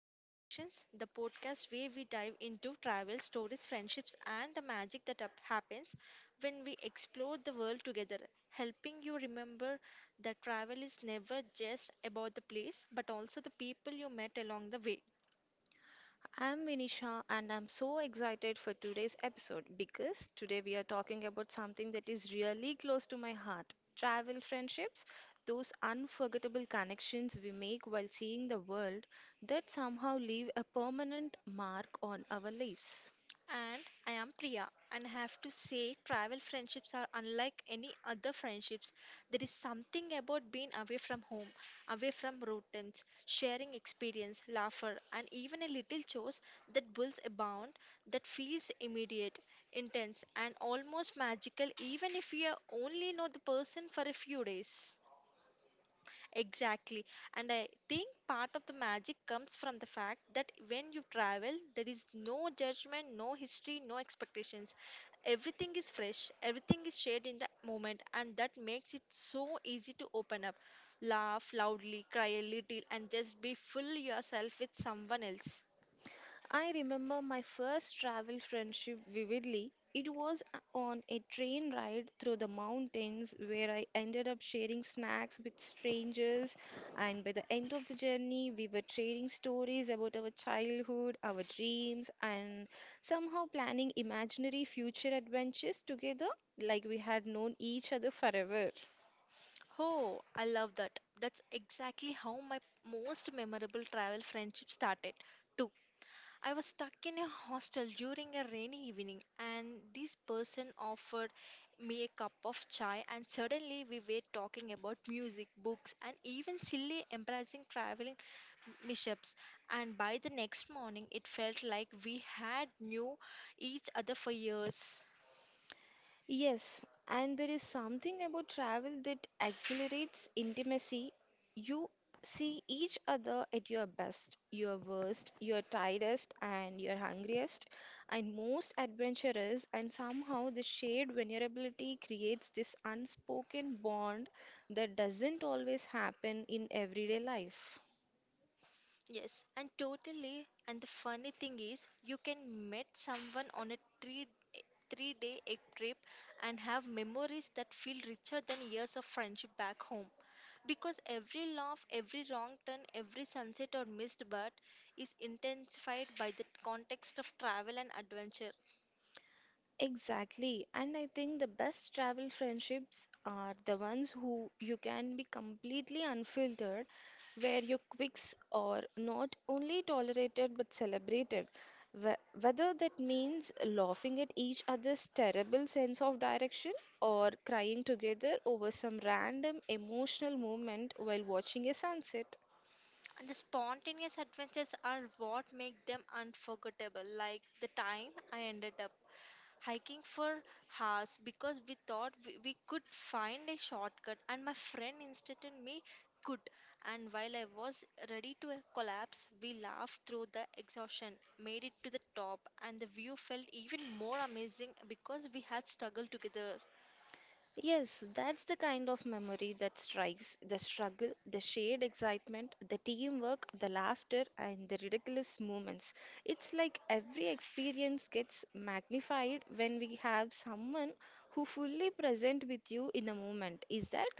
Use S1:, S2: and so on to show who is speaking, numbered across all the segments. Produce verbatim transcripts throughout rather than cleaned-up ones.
S1: Conversations, the podcast where we dive into travel, stories, friendships, and the magic that up- happens when we explore the world together, helping you remember that travel is never just about the place but also the people you met along the way.
S2: I'm Vinisha and I'm so excited for today's episode because today we are talking about something that is really close to my heart travel friendships, those unforgettable connections we make while seeing the world that somehow leave a permanent mark on our lives.
S1: And I am Priya and have to say travel friendships are unlike any other friendships. There is something about being away from home, away from routines, sharing experience, laughter, and even a little chores that builds a bond that feels immediate, intense, and almost magical even if you only know the person for a few days. Exactly. And I think part of the magic comes from the fact that when you travel, there is no judgment, no history, no expectations. Everything is fresh, everything is shared in the moment, and that makes it so easy to open up, laugh loudly, cry a little, and just be full yourself with someone else.
S2: I remember my first travel friendship vividly. It was a- on a train ride through the mountains where I ended up sharing snacks with strangers. And by the end of the journey, we were trading stories about our childhood, our dreams, and somehow planning imaginary future adventures together like we had known each other forever.
S1: Oh, I love that. That's exactly how my most memorable travel friendship started, too. I was stuck in a hostel during a rainy evening, and this person offered me a cup of chai, and suddenly we were talking about music, books, and even silly, embarrassing traveling mishaps. And by the next morning, it felt like we had knew each other for years.
S2: Yes, and there is something about travel that accelerates intimacy. You see each other at your best, your worst, your tiredest, and your hungriest, and most adventurous, and somehow the shared vulnerability creates this unspoken bond that doesn't always happen in everyday life.
S1: Yes, and totally. And the funny thing is, you can meet someone on a three three day egg trip and have memories that feel richer than years of friendship back home. Because every laugh, every wrong turn, every sunset or missed bird is intensified by the context of travel and adventure.
S2: Exactly. And I think the best travel friendships are the ones who you can be completely unfiltered, where your quirks are not only tolerated but celebrated. Wh- Whether that means laughing at each other's terrible sense of direction or crying together over some random emotional moment while watching a sunset.
S1: And the spontaneous adventures are what make them unforgettable, like the time I ended up hiking for hours because we thought we, we could find a shortcut, and my friend instructed me could. And while I was ready to uh, collapse, we laughed through the exhaustion, made it to the top, and the view felt even more amazing because we had struggled together.
S2: Yes, that's the kind of memory that strikes the struggle, the shared excitement, the teamwork, the laughter, and the ridiculous moments. It's like every experience gets magnified when we have someone who fully present with you in the moment. Is that?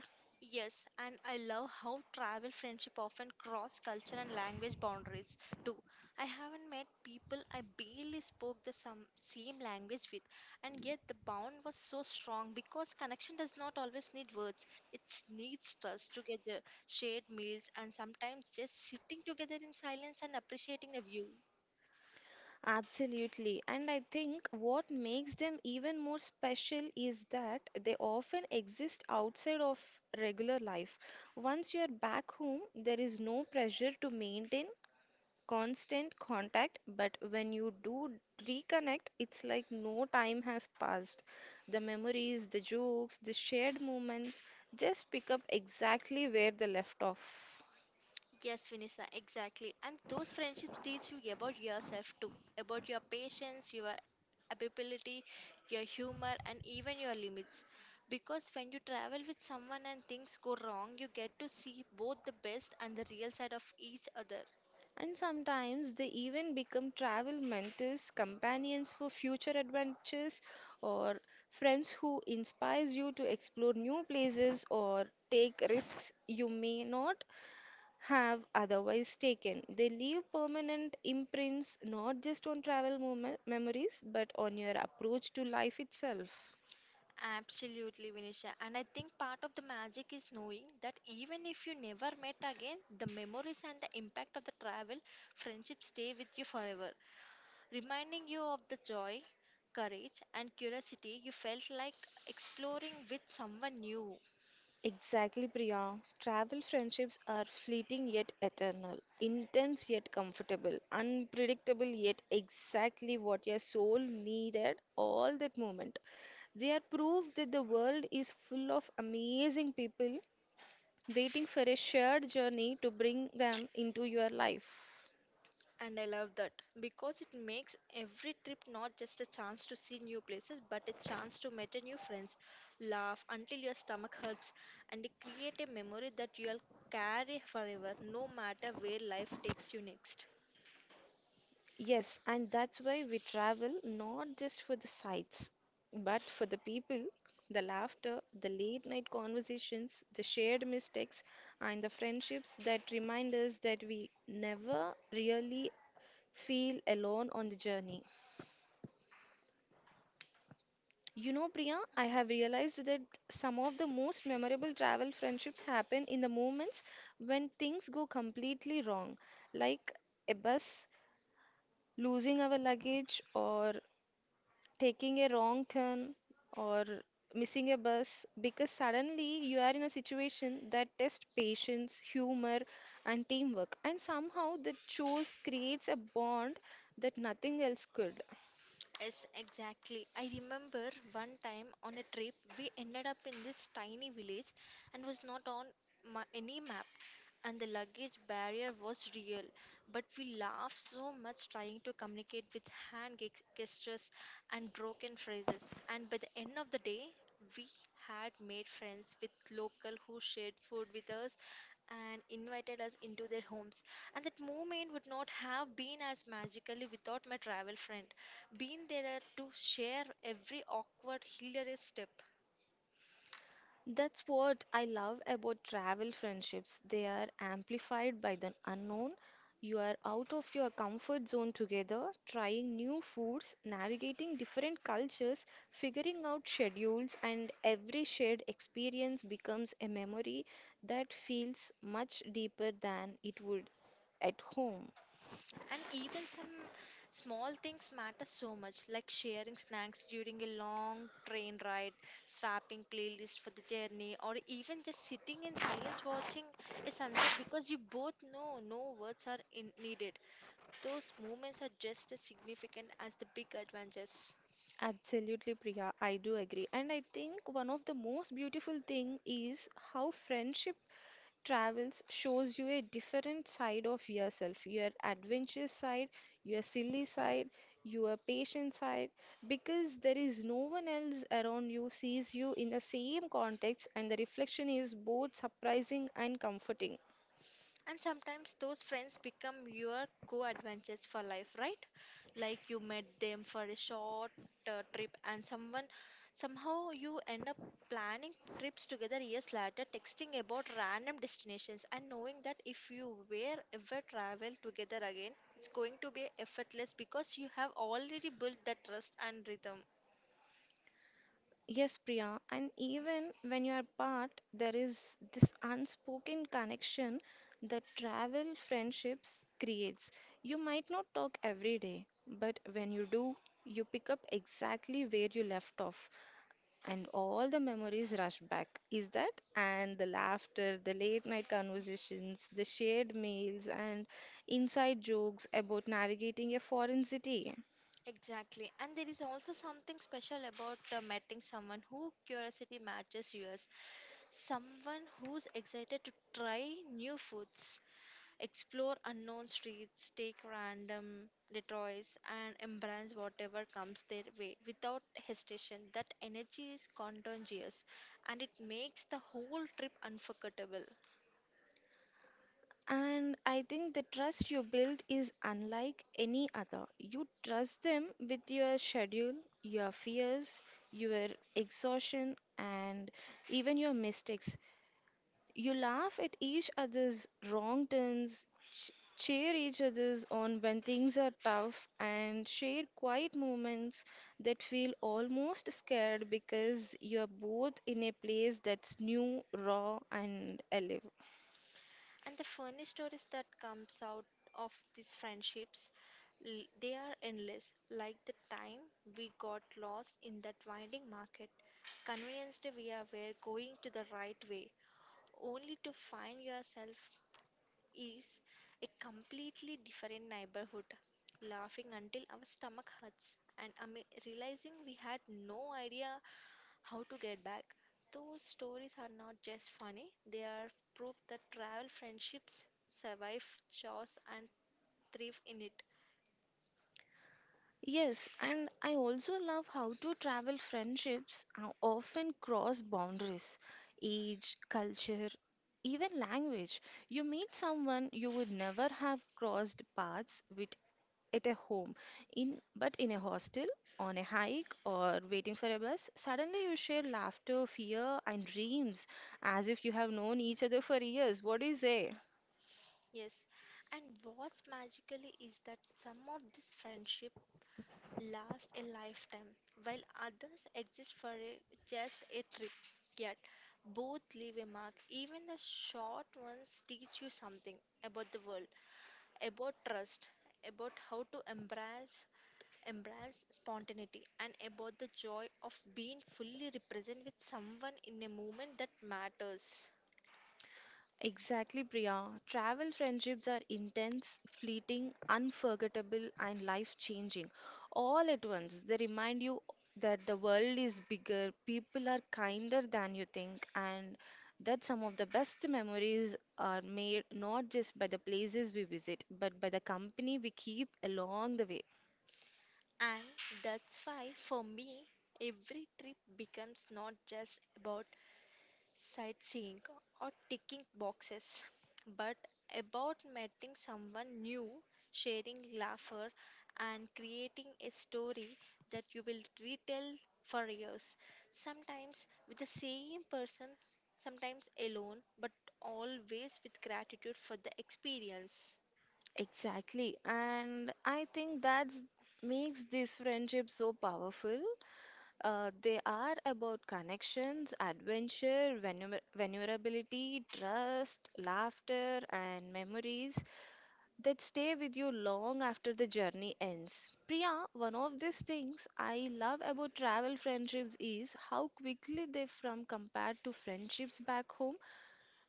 S1: Yes, and I love how travel friendship often cross culture and language boundaries too. I haven't met people I barely spoke the some same language with, and yet the bond was so strong because connection does not always need words. It needs trust together, shared meals, and sometimes just sitting together in silence and appreciating the view.
S2: Absolutely. And I think what makes them even more special is that they often exist outside of regular life. Once you're back home, there is no pressure to maintain constant contact, but when you do reconnect, it's like no time has passed. The memories, the jokes, the shared moments just pick up exactly where they left off.
S1: Yes, Vinisa, exactly. And those friendships teach you about yourself too, about your patience, your ability, your humor, and even your limits. Because when you travel with someone and things go wrong, you get to see both the best and the real side of each other.
S2: And sometimes they even become travel mentors, companions for future adventures, or friends who inspires you to explore new places or take risks you may not have otherwise taken. They leave permanent imprints not just on travel mom- memories but on your approach to life itself.
S1: Absolutely, Vinisha. And I think part of the magic is knowing that even if you never met again, the memories and the impact of the travel, friendships stay with you forever, reminding you of the joy, courage, and curiosity you felt like exploring with someone new.
S2: Exactly, Priya. Travel friendships are fleeting yet eternal, intense yet comfortable, unpredictable yet exactly what your soul needed all that moment. They are proof that the world is full of amazing people waiting for a shared journey to bring them into your life.
S1: And I love that because it makes every trip not just a chance to see new places but a chance to meet a new friends, laugh until your stomach hurts, and create a memory that you'll carry forever no matter where life takes you next.
S2: Yes, and that's why we travel not just for the sights, but for the people, the laughter, the late night conversations, the shared mistakes, and the friendships that remind us that we never really feel alone on the journey. You know, Priya, I have realized that some of the most memorable travel friendships happen in the moments when things go completely wrong, like a bus, losing our luggage, or taking a wrong turn or missing a bus because suddenly you are in a situation that tests patience, humor, and teamwork. And somehow the chores creates a bond that nothing else could.
S1: Yes, exactly. I remember one time on a trip we ended up in this tiny village and was not on ma- any map and the luggage barrier was real, but we laughed so much trying to communicate with hand ge- gestures and broken phrases. And by the end of the day, we had made friends with local who shared food with us and invited us into their homes and that moment would not have been as magically without my travel friend being there to share every awkward hilarious step.
S2: That's what I love about travel friendships. They are amplified by the unknown. You are out of your comfort zone together, trying new foods, navigating different cultures, figuring out schedules, and every shared experience becomes a memory that feels much deeper than it would at home.
S1: And even some small things matter so much, like sharing snacks during a long train ride, swapping playlist for the journey, or even just sitting in silence watching a sunset because you both know no words are in needed. Those moments are just as significant as the big adventures.
S2: Absolutely, Priya, I do agree. And I think one of the most beautiful thing is how friendship travels shows you a different side of yourself, your adventurous side, your silly side, your patient side, because there is no one else around you sees you in the same context, and the reflection is both surprising and comforting.
S1: And sometimes those friends become your co adventures for life, right? Like you met them for a short uh, trip, and someone somehow you end up planning trips together years later, texting about random destinations, and knowing that if you were ever travel together again, it's going to be effortless because you have already built that trust and rhythm.
S2: Yes, Priya, and even when you are apart, there is this unspoken connection that travel friendships creates. You might not talk every day, but when you do, you pick up exactly where you left off, and all the memories rush back. Is that? And the laughter, the late night conversations, the shared meals, and inside jokes about navigating a foreign city.
S1: Exactly. And there is also something special about uh, meeting someone who curiosity matches yours. Someone who's excited to try new foods, explore unknown streets, take random detours, and embrace whatever comes their way without hesitation. That energy is contagious and it makes the whole trip unforgettable.
S2: And I think the trust you build is unlike any other. You trust them with your schedule, your fears, your exhaustion, and even your mistakes. You laugh at each other's wrong turns, ch- cheer each other's on when things are tough, and share quiet moments that feel almost scared because you're both in a place that's new, raw, and alive.
S1: And the funny stories that comes out of these friendships, l- they are endless. Like the time we got lost in that winding market, convinced we are were going to the right way, only to find yourself is a completely different neighborhood. Laughing until our stomach hurts and ama- realizing we had no idea how to get back. Those stories are not just funny, they are proof that travel friendships survive chaos and thrive in it.
S2: Yes, and I also love how to travel friendships uh, often cross boundaries, age, culture, even language. You meet someone you would never have crossed paths with at a home, in but in a hostel, on a hike, or waiting for a bus. Suddenly, you share laughter, fear, and dreams as if you have known each other for years. What do you say?
S1: Yes, and what's magically is that some of this friendship last a lifetime, while others exist for a, just a trip. Yet, both leave a mark. Even the short ones teach you something about the world, about trust, about how to embrace embrace spontaneity and about the joy of being fully represented with someone in a moment that matters.
S2: Exactly, Priya. Travel friendships are intense, fleeting, unforgettable, and life changing. All at once, they remind you that the world is bigger, people are kinder than you think, and that some of the best memories are made not just by the places we visit, but by the company we keep along the way.
S1: And that's why, for me, every trip becomes not just about sightseeing, or ticking boxes, but about meeting someone new, sharing laughter, and creating a story that you will retell for years. Sometimes with the same person, sometimes alone, but always with gratitude for the experience.
S2: Exactly, and I think that's makes this friendship so powerful. Uh, they are about connections, adventure, vulner- vulnerability, trust, laughter, and memories that stay with you long after the journey ends. Priya, one of these things I love about travel friendships is how quickly they from compared to friendships back home.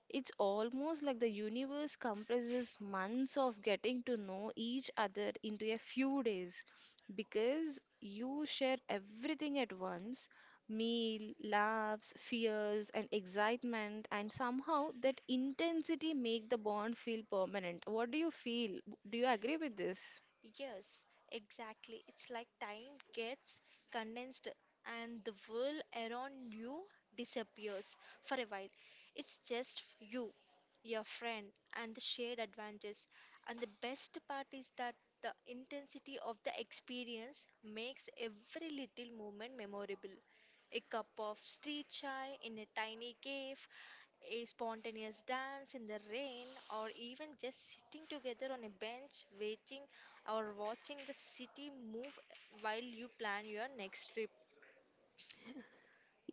S2: It's almost like the universe compresses months of getting to know each other into a few days because you share everything at once meal, laughs, fears, and excitement, and somehow that intensity make the bond feel permanent. What do you feel? Do you agree with this?
S1: Yes, exactly. It's like time gets condensed and the world around you disappears for a while. It's just you, your friend, and the shared adventures. And the best part is that the intensity of the experience makes every little moment memorable. A cup of street chai in a tiny cave, a spontaneous dance in the rain, or even just sitting together on a bench waiting or watching the city move while you plan your next trip.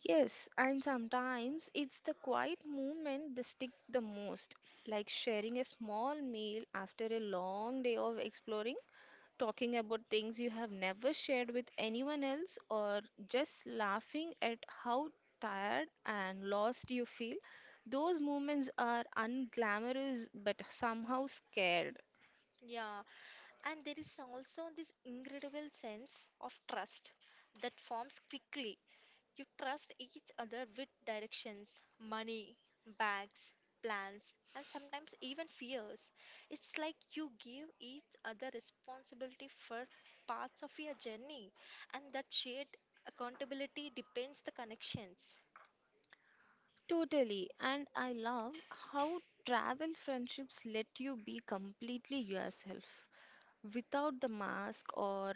S2: Yes, and sometimes it's the quiet movement that stick the most, like sharing a small meal after a long day of exploring talking about things you have never shared with anyone else, or just laughing at how tired and lost you feel. Those moments are unglamorous but somehow scared.
S1: Yeah, and there is also this incredible sense of trust that forms quickly. You trust each other with directions, money, bags, plans, and sometimes even fears. It's like you give each other responsibility for parts of your journey, and that shared accountability depends the connections.
S2: Totally, and I love how travel friendships let you be completely yourself, without the mask or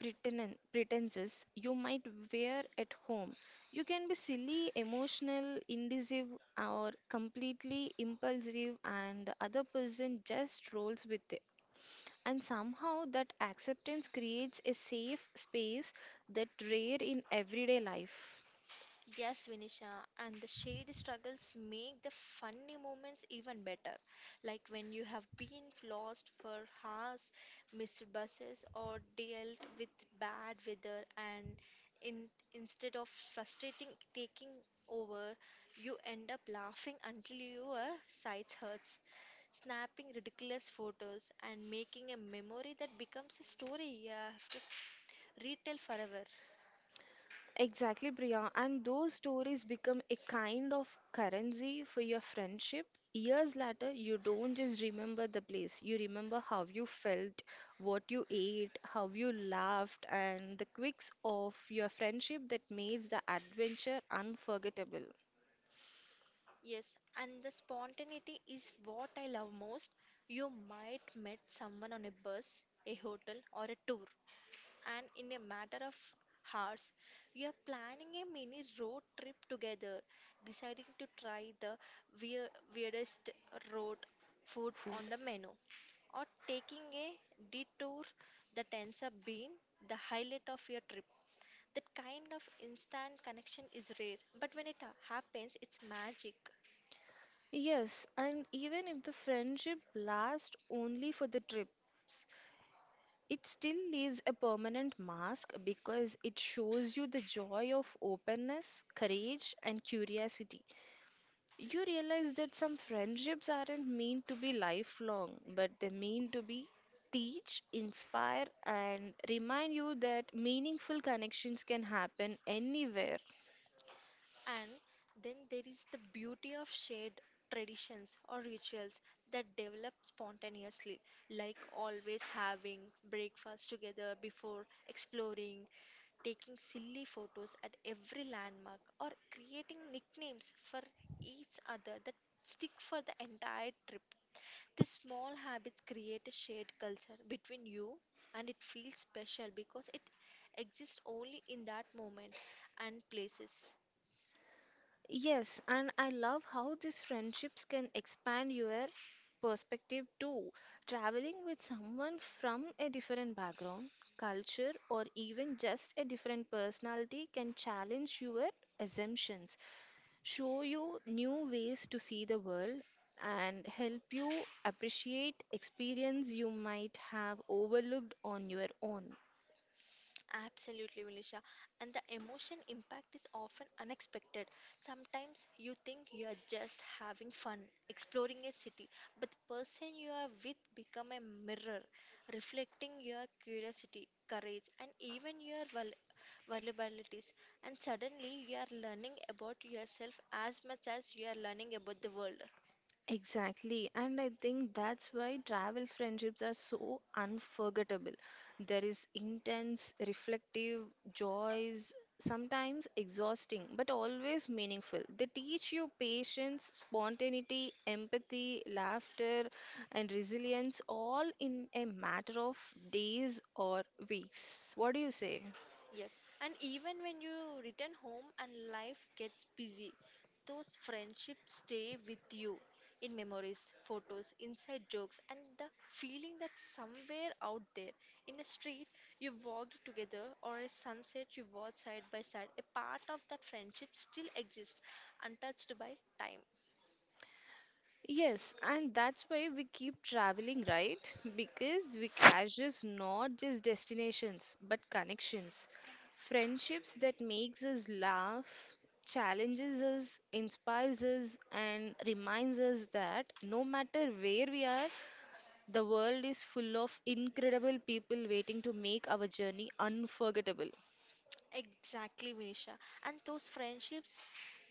S2: pretenen- pretenses you might wear at home. You can be silly, emotional, indecisive, or completely impulsive, and the other person just rolls with it. And somehow, that acceptance creates a safe space that rare in everyday life.
S1: Yes, Vinisha, and the shared struggles make the funny moments even better. Like when you have been lost for hours, missed buses, or dealt with bad weather, and in, instead of frustrating taking over, you end up laughing until your sides hurts, snapping ridiculous photos, and making a memory that becomes a story you have to retell forever.
S2: Exactly, Priya. And those stories become a kind of currency for your friendship. Years later, you don't just remember the place, you remember how you felt, what you ate, how you laughed, and the quirks of your friendship that makes the adventure unforgettable.
S1: Yes, and the spontaneity is what I love most. You might meet someone on a bus, a hotel, or a tour, and in a matter of hours, you are planning a mini road trip together, deciding to try the weir- weirdest road food
S2: Food.
S1: on the menu, or taking a detour that ends up being the highlight of your trip. That kind of instant connection is rare, but when it ha- happens, it's magic.
S2: Yes, and even if the friendship lasts only for the trips, it still leaves a permanent mask because it shows you the joy of openness, courage, and curiosity. You realize that some friendships aren't meant to be lifelong, but they mean to be teach, inspire, and remind you that meaningful connections can happen anywhere.
S1: And then there is the beauty of shared traditions or rituals that develop spontaneously, like always having breakfast together before exploring, taking silly photos at every landmark, or creating nicknames for each other that stick for the entire trip. These small habits create a shared culture between you, and it feels special because it exists only in that moment and places.
S2: Yes, and I love how these friendships can expand your perspective too. Traveling with someone from a different background, culture, or even just a different personality can challenge your assumptions, show you new ways to see the world, and help you appreciate experience you might have overlooked on your own.
S1: Absolutely, Vilisha. And the emotion impact is often unexpected. Sometimes you think you are just having fun, exploring a city, but the person you are with become a mirror, reflecting your curiosity, courage, and even your vul- vulnerabilities. And suddenly you are learning about yourself as much as you are learning about the world.
S2: Exactly, and I think that's why travel friendships are so unforgettable. There is intense, reflective joys, sometimes exhausting, but always meaningful. They teach you patience, spontaneity, empathy, laughter, and resilience all in a matter of days or weeks. What do you say?
S1: Yes, and even when you return home and life gets busy, those friendships stay with you in memories, photos, inside jokes, and the feeling that somewhere out there in a street you walked together or a sunset you watched side by side, a part of that friendship still exists untouched by time.
S2: Yes, and that's why we keep traveling, right? Because Vikash is not just destinations, but connections. Friendships that makes us laugh, challenges us, inspires us, and reminds us that no matter where we are, the world is full of incredible people waiting to make our journey unforgettable.
S1: Exactly, Vinisha. And those friendships,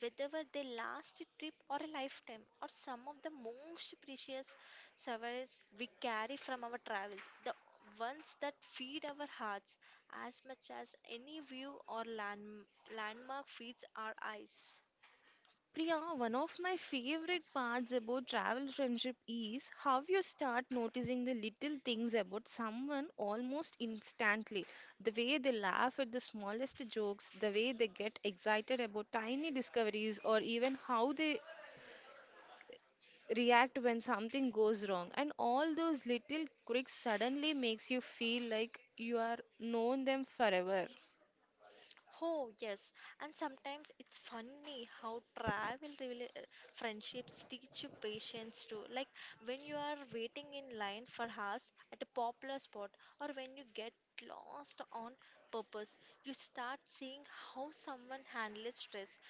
S1: whether they last a trip or a lifetime, are some of the most precious souvenirs we carry from our travels. The ones that feed our hearts as much as any view or land, landmark feeds our eyes.
S2: Priya, one of my favorite parts about travel friendship is how you start noticing the little things about someone almost instantly. The way they laugh at the smallest jokes, the way they get excited about tiny discoveries, or even how they react when something goes wrong. And all those little quirks suddenly makes you feel like you are known them forever.
S1: Oh, yes. And sometimes it's funny how travel really, uh, friendships teach you patience too. Like when you are waiting in line for hours at a popular spot, or when you get lost on purpose, you start seeing how someone handles stress,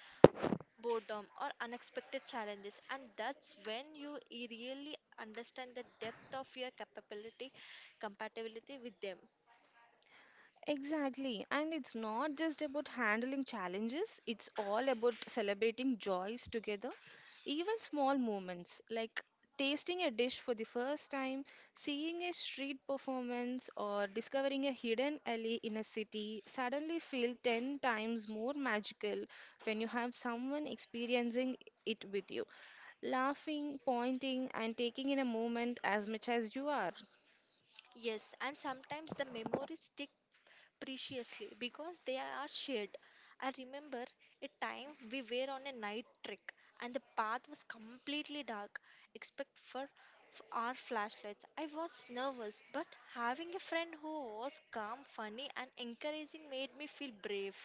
S1: boredom, or unexpected challenges. And that's when you e- really understand the depth of your capability, compatibility with them.
S2: Exactly. And it's not just about handling challenges, it's all about celebrating joys together. Even small moments like tasting a dish for the first time, seeing a street performance, or discovering a hidden alley in a city suddenly feel ten times more magical when you have someone experiencing it with you, laughing, pointing, and taking in a moment as much as you are.
S1: Yes, and sometimes the memories stick preciously because they are shared. I remember a time we were on a night trek and the path was completely dark except for f- our flashlights. I was nervous, but having a friend who was calm, funny, and encouraging made me feel brave.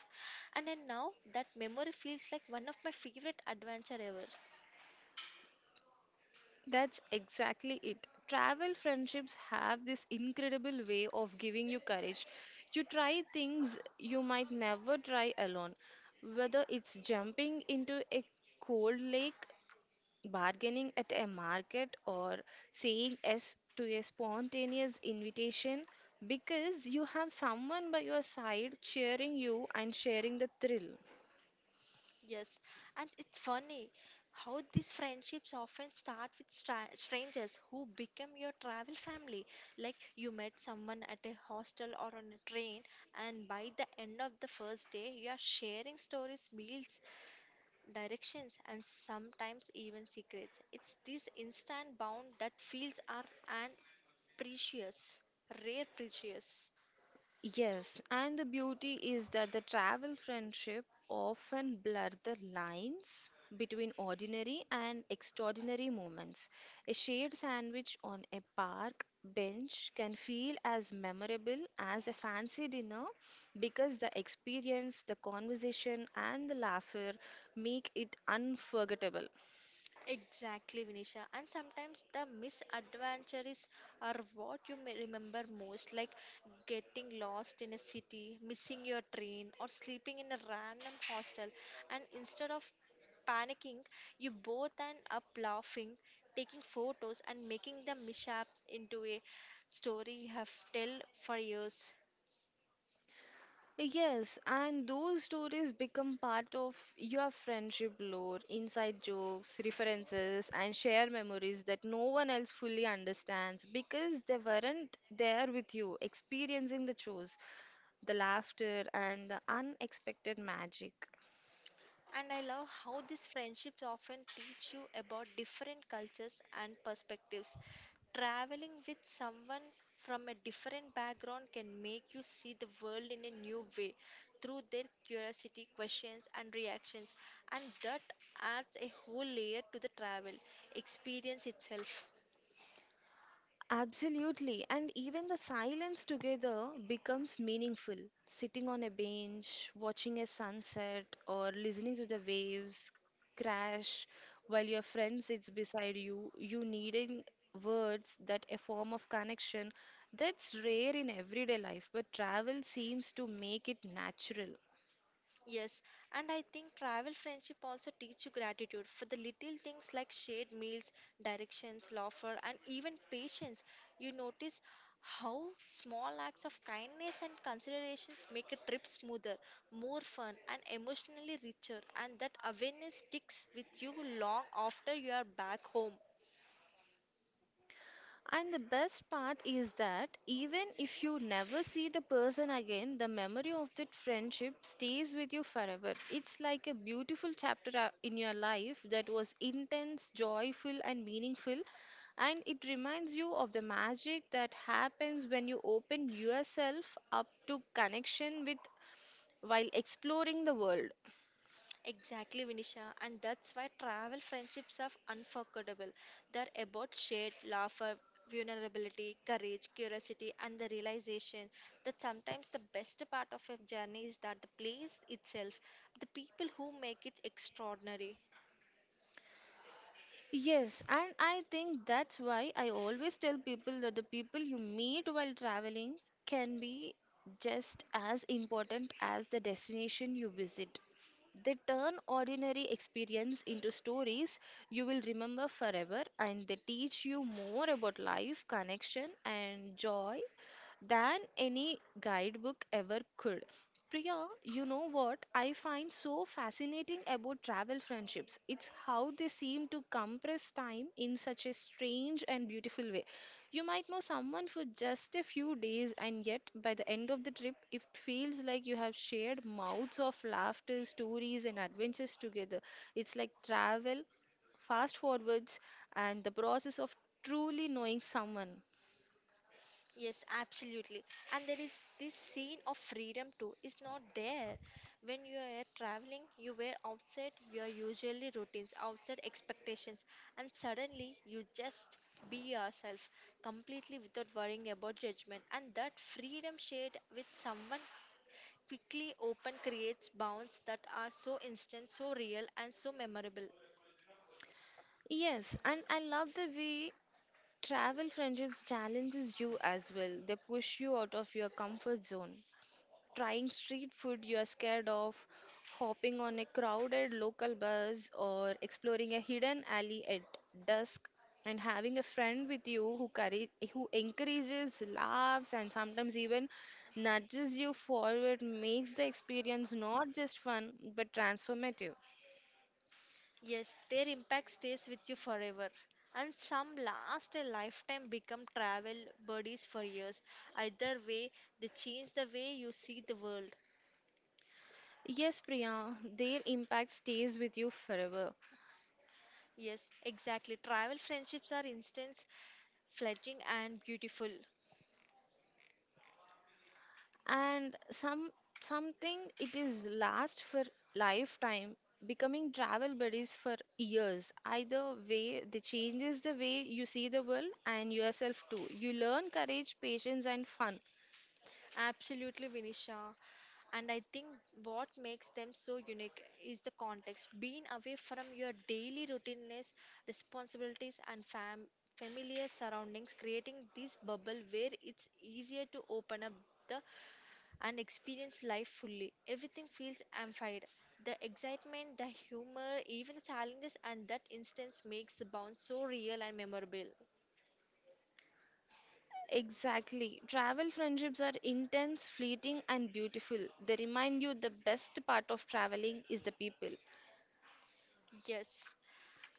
S1: And then now that memory feels like one of my favorite adventure ever.
S2: That's exactly it. Travel friendships have this incredible way of giving you courage. You try things you might never try alone, whether it's jumping into a cold lake, bargaining at a market, or saying yes to a spontaneous invitation because you have someone by your side cheering you and sharing the thrill.
S1: Yes, and it's funny how these friendships often start with stra strangers who become your travel family. Like you met someone at a hostel or on a train, and by the end of the first day, you are sharing stories, meals, directions, and sometimes even secrets. It's this instant bond that feels are and precious, rare precious.
S2: Yes, and the beauty is that the travel friendship often blur the lines between ordinary and extraordinary moments. A shared sandwich on a park bench can feel as memorable as a fancy dinner because the experience, the conversation, and the laughter make it unforgettable.
S1: Exactly, Vinisha. And sometimes the misadventures are what you may remember most, like getting lost in a city, missing your train, or sleeping in a random hostel. And instead of panicking, you both end up laughing, taking photos, and making the mishap into a story you have tell for years.
S2: Yes, and those stories become part of your friendship lore, inside jokes, references, and shared memories that no one else fully understands because they weren't there with you, experiencing the chores, the laughter, and the unexpected magic.
S1: And I love how these friendships often teach you about different cultures and perspectives. Traveling with someone from a different background can make you see the world in a new way through their curiosity, questions, and reactions, and that adds a whole layer to the travel experience itself.
S2: Absolutely. And even the silence together becomes meaningful. Sitting on a bench, watching a sunset, or listening to the waves crash while your friend sits beside you, you needing words that a form of connection that's rare in everyday life, but travel seems to make it natural.
S1: Yes, and I think travel friendship also teach you gratitude for the little things like shared meals, directions, laughter, and even patience. You notice how small acts of kindness and considerations make a trip smoother, more fun, and emotionally richer, and that awareness sticks with you long after you are back home.
S2: And the best part is that even if you never see the person again, the memory of that friendship stays with you forever. It's like a beautiful chapter uh, in your life that was intense, joyful, and meaningful. And it reminds you of the magic that happens when you open yourself up to connection with while exploring the world.
S1: Exactly, Vinisha, and that's why travel friendships are unforgettable. They're about shared laughter, vulnerability, courage, curiosity, and the realization that sometimes the best part of a journey is that the place itself, the people who make it extraordinary.
S2: Yes, and I think that's why I always tell people that the people you meet while traveling can be just as important as the destination you visit. They turn ordinary experience into stories you will remember forever, and they teach you more about life, connection, and joy than any guidebook ever could. Priya, you know what I find so fascinating about travel friendships? It's how they seem to compress time in such a strange and beautiful way. You might know someone for just a few days, and yet by the end of the trip, it feels like you have shared mouths of laughter, stories, and adventures together. It's like travel fast forwards and the process of truly knowing someone.
S1: Yes, absolutely. And there is this scene of freedom too. It's not there. When you are traveling, you were outside your usually routines, outside expectations, and suddenly you just be yourself completely without worrying about judgment. And that freedom shared with someone quickly open creates bonds that are so instant, so real, and so memorable.
S2: Yes, and I love the way travel friendships challenges you as well. They push you out of your comfort zone. Trying street food you are scared of, hopping on a crowded local bus, or exploring a hidden alley at dusk, and having a friend with you who courage, who encourages, laughs, and sometimes even nudges you forward makes the experience not just fun but transformative.
S1: Yes, their impact stays with you forever. And some last a lifetime become travel buddies for years. Either way, they change the way you see the world.
S2: Yes, Priya, their impact stays with you forever.
S1: Yes, exactly. Travel friendships are instant, fledging, and beautiful.
S2: And some something it is last for lifetime becoming travel buddies for years either way the changes the way you see the world and yourself too you learn courage patience and fun.
S1: Absolutely, Vinisha. And I think what makes them so unique is the context. Being away from your daily routines, responsibilities, and fam- familiar surroundings, creating this bubble where it's easier to open up the and experience life fully. Everything feels amplified. The excitement, the humor, even the challenges, and that instance makes the bond so real and memorable.
S2: Exactly, travel friendships are intense fleeting and beautiful. They remind you the best part of traveling is the people.
S1: Yes.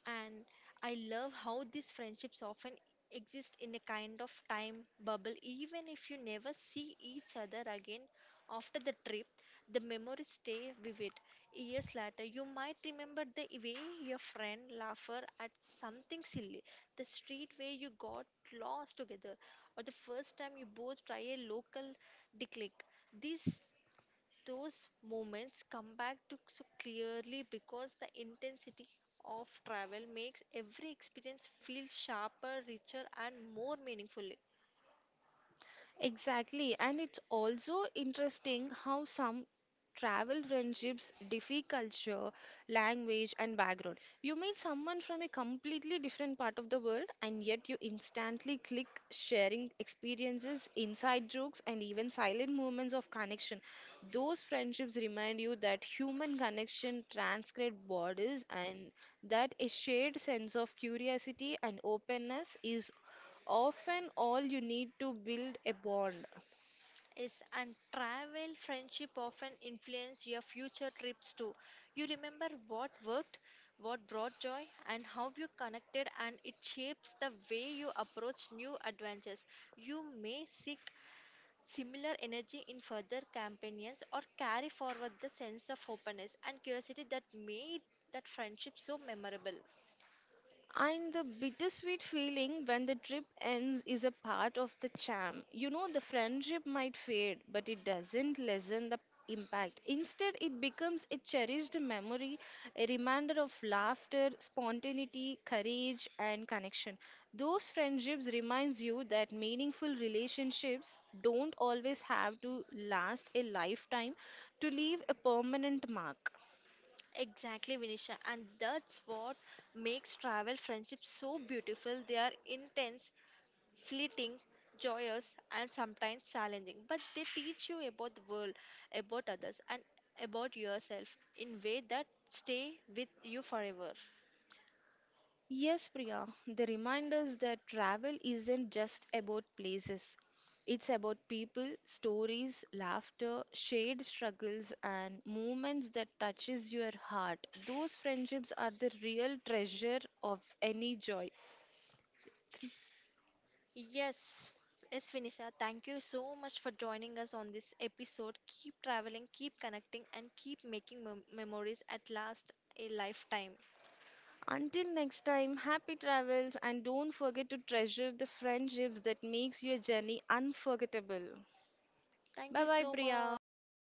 S1: And I love how these friendships often exist in a kind of time bubble, even if you never see each other again after the trip, the memories stay vivid. Years later, you might remember the way your friend laughed at something silly, the street where you got lost together, or the first time you both try a local declic. These Those moments come back to so clearly because the intensity of travel makes every experience feel sharper, richer, and more meaningful.
S2: Exactly, and it's also interesting how some travel friendships differ culture, language, and background. You meet someone from a completely different part of the world, and yet you instantly click, sharing experiences, inside jokes, and even silent moments of connection. Those friendships remind you that human connection transcends borders and that a shared sense of curiosity and openness is often all you need to build a bond.
S1: Yes, and travel friendship often influence your future trips too. You remember what worked, what brought joy, and how you connected, and it shapes the way you approach new adventures. You may seek similar energy in further companions or carry forward the sense of openness and curiosity that made that friendship so memorable.
S2: And the bittersweet feeling when the trip ends is a part of the charm. You know, the friendship might fade, but it doesn't lessen the impact. Instead, it becomes a cherished memory, a reminder of laughter, spontaneity, courage, and connection. Those friendships reminds you that meaningful relationships don't always have to last a lifetime to leave a permanent mark.
S1: Exactly, Vinisha, and that's what makes travel friendships so beautiful. They are intense, fleeting, joyous, and sometimes challenging, but they teach you about the world, about others, and about yourself in way that stay with you forever.
S2: Yes, Priya, they remind us that travel isn't just about places. It's about people, stories, laughter, shared struggles, and moments that touches your heart. Those friendships are the real treasure of any joy. Three.
S1: Yes, yes, Finisha. Thank you so much for joining us on this episode. Keep traveling, keep connecting, and keep making mem- memories at last a lifetime.
S2: Until next time, happy travels and don't forget to treasure the friendships that makes your journey unforgettable.
S1: Thank
S2: Bye
S1: you
S2: bye,
S1: so
S2: Priya.
S1: much.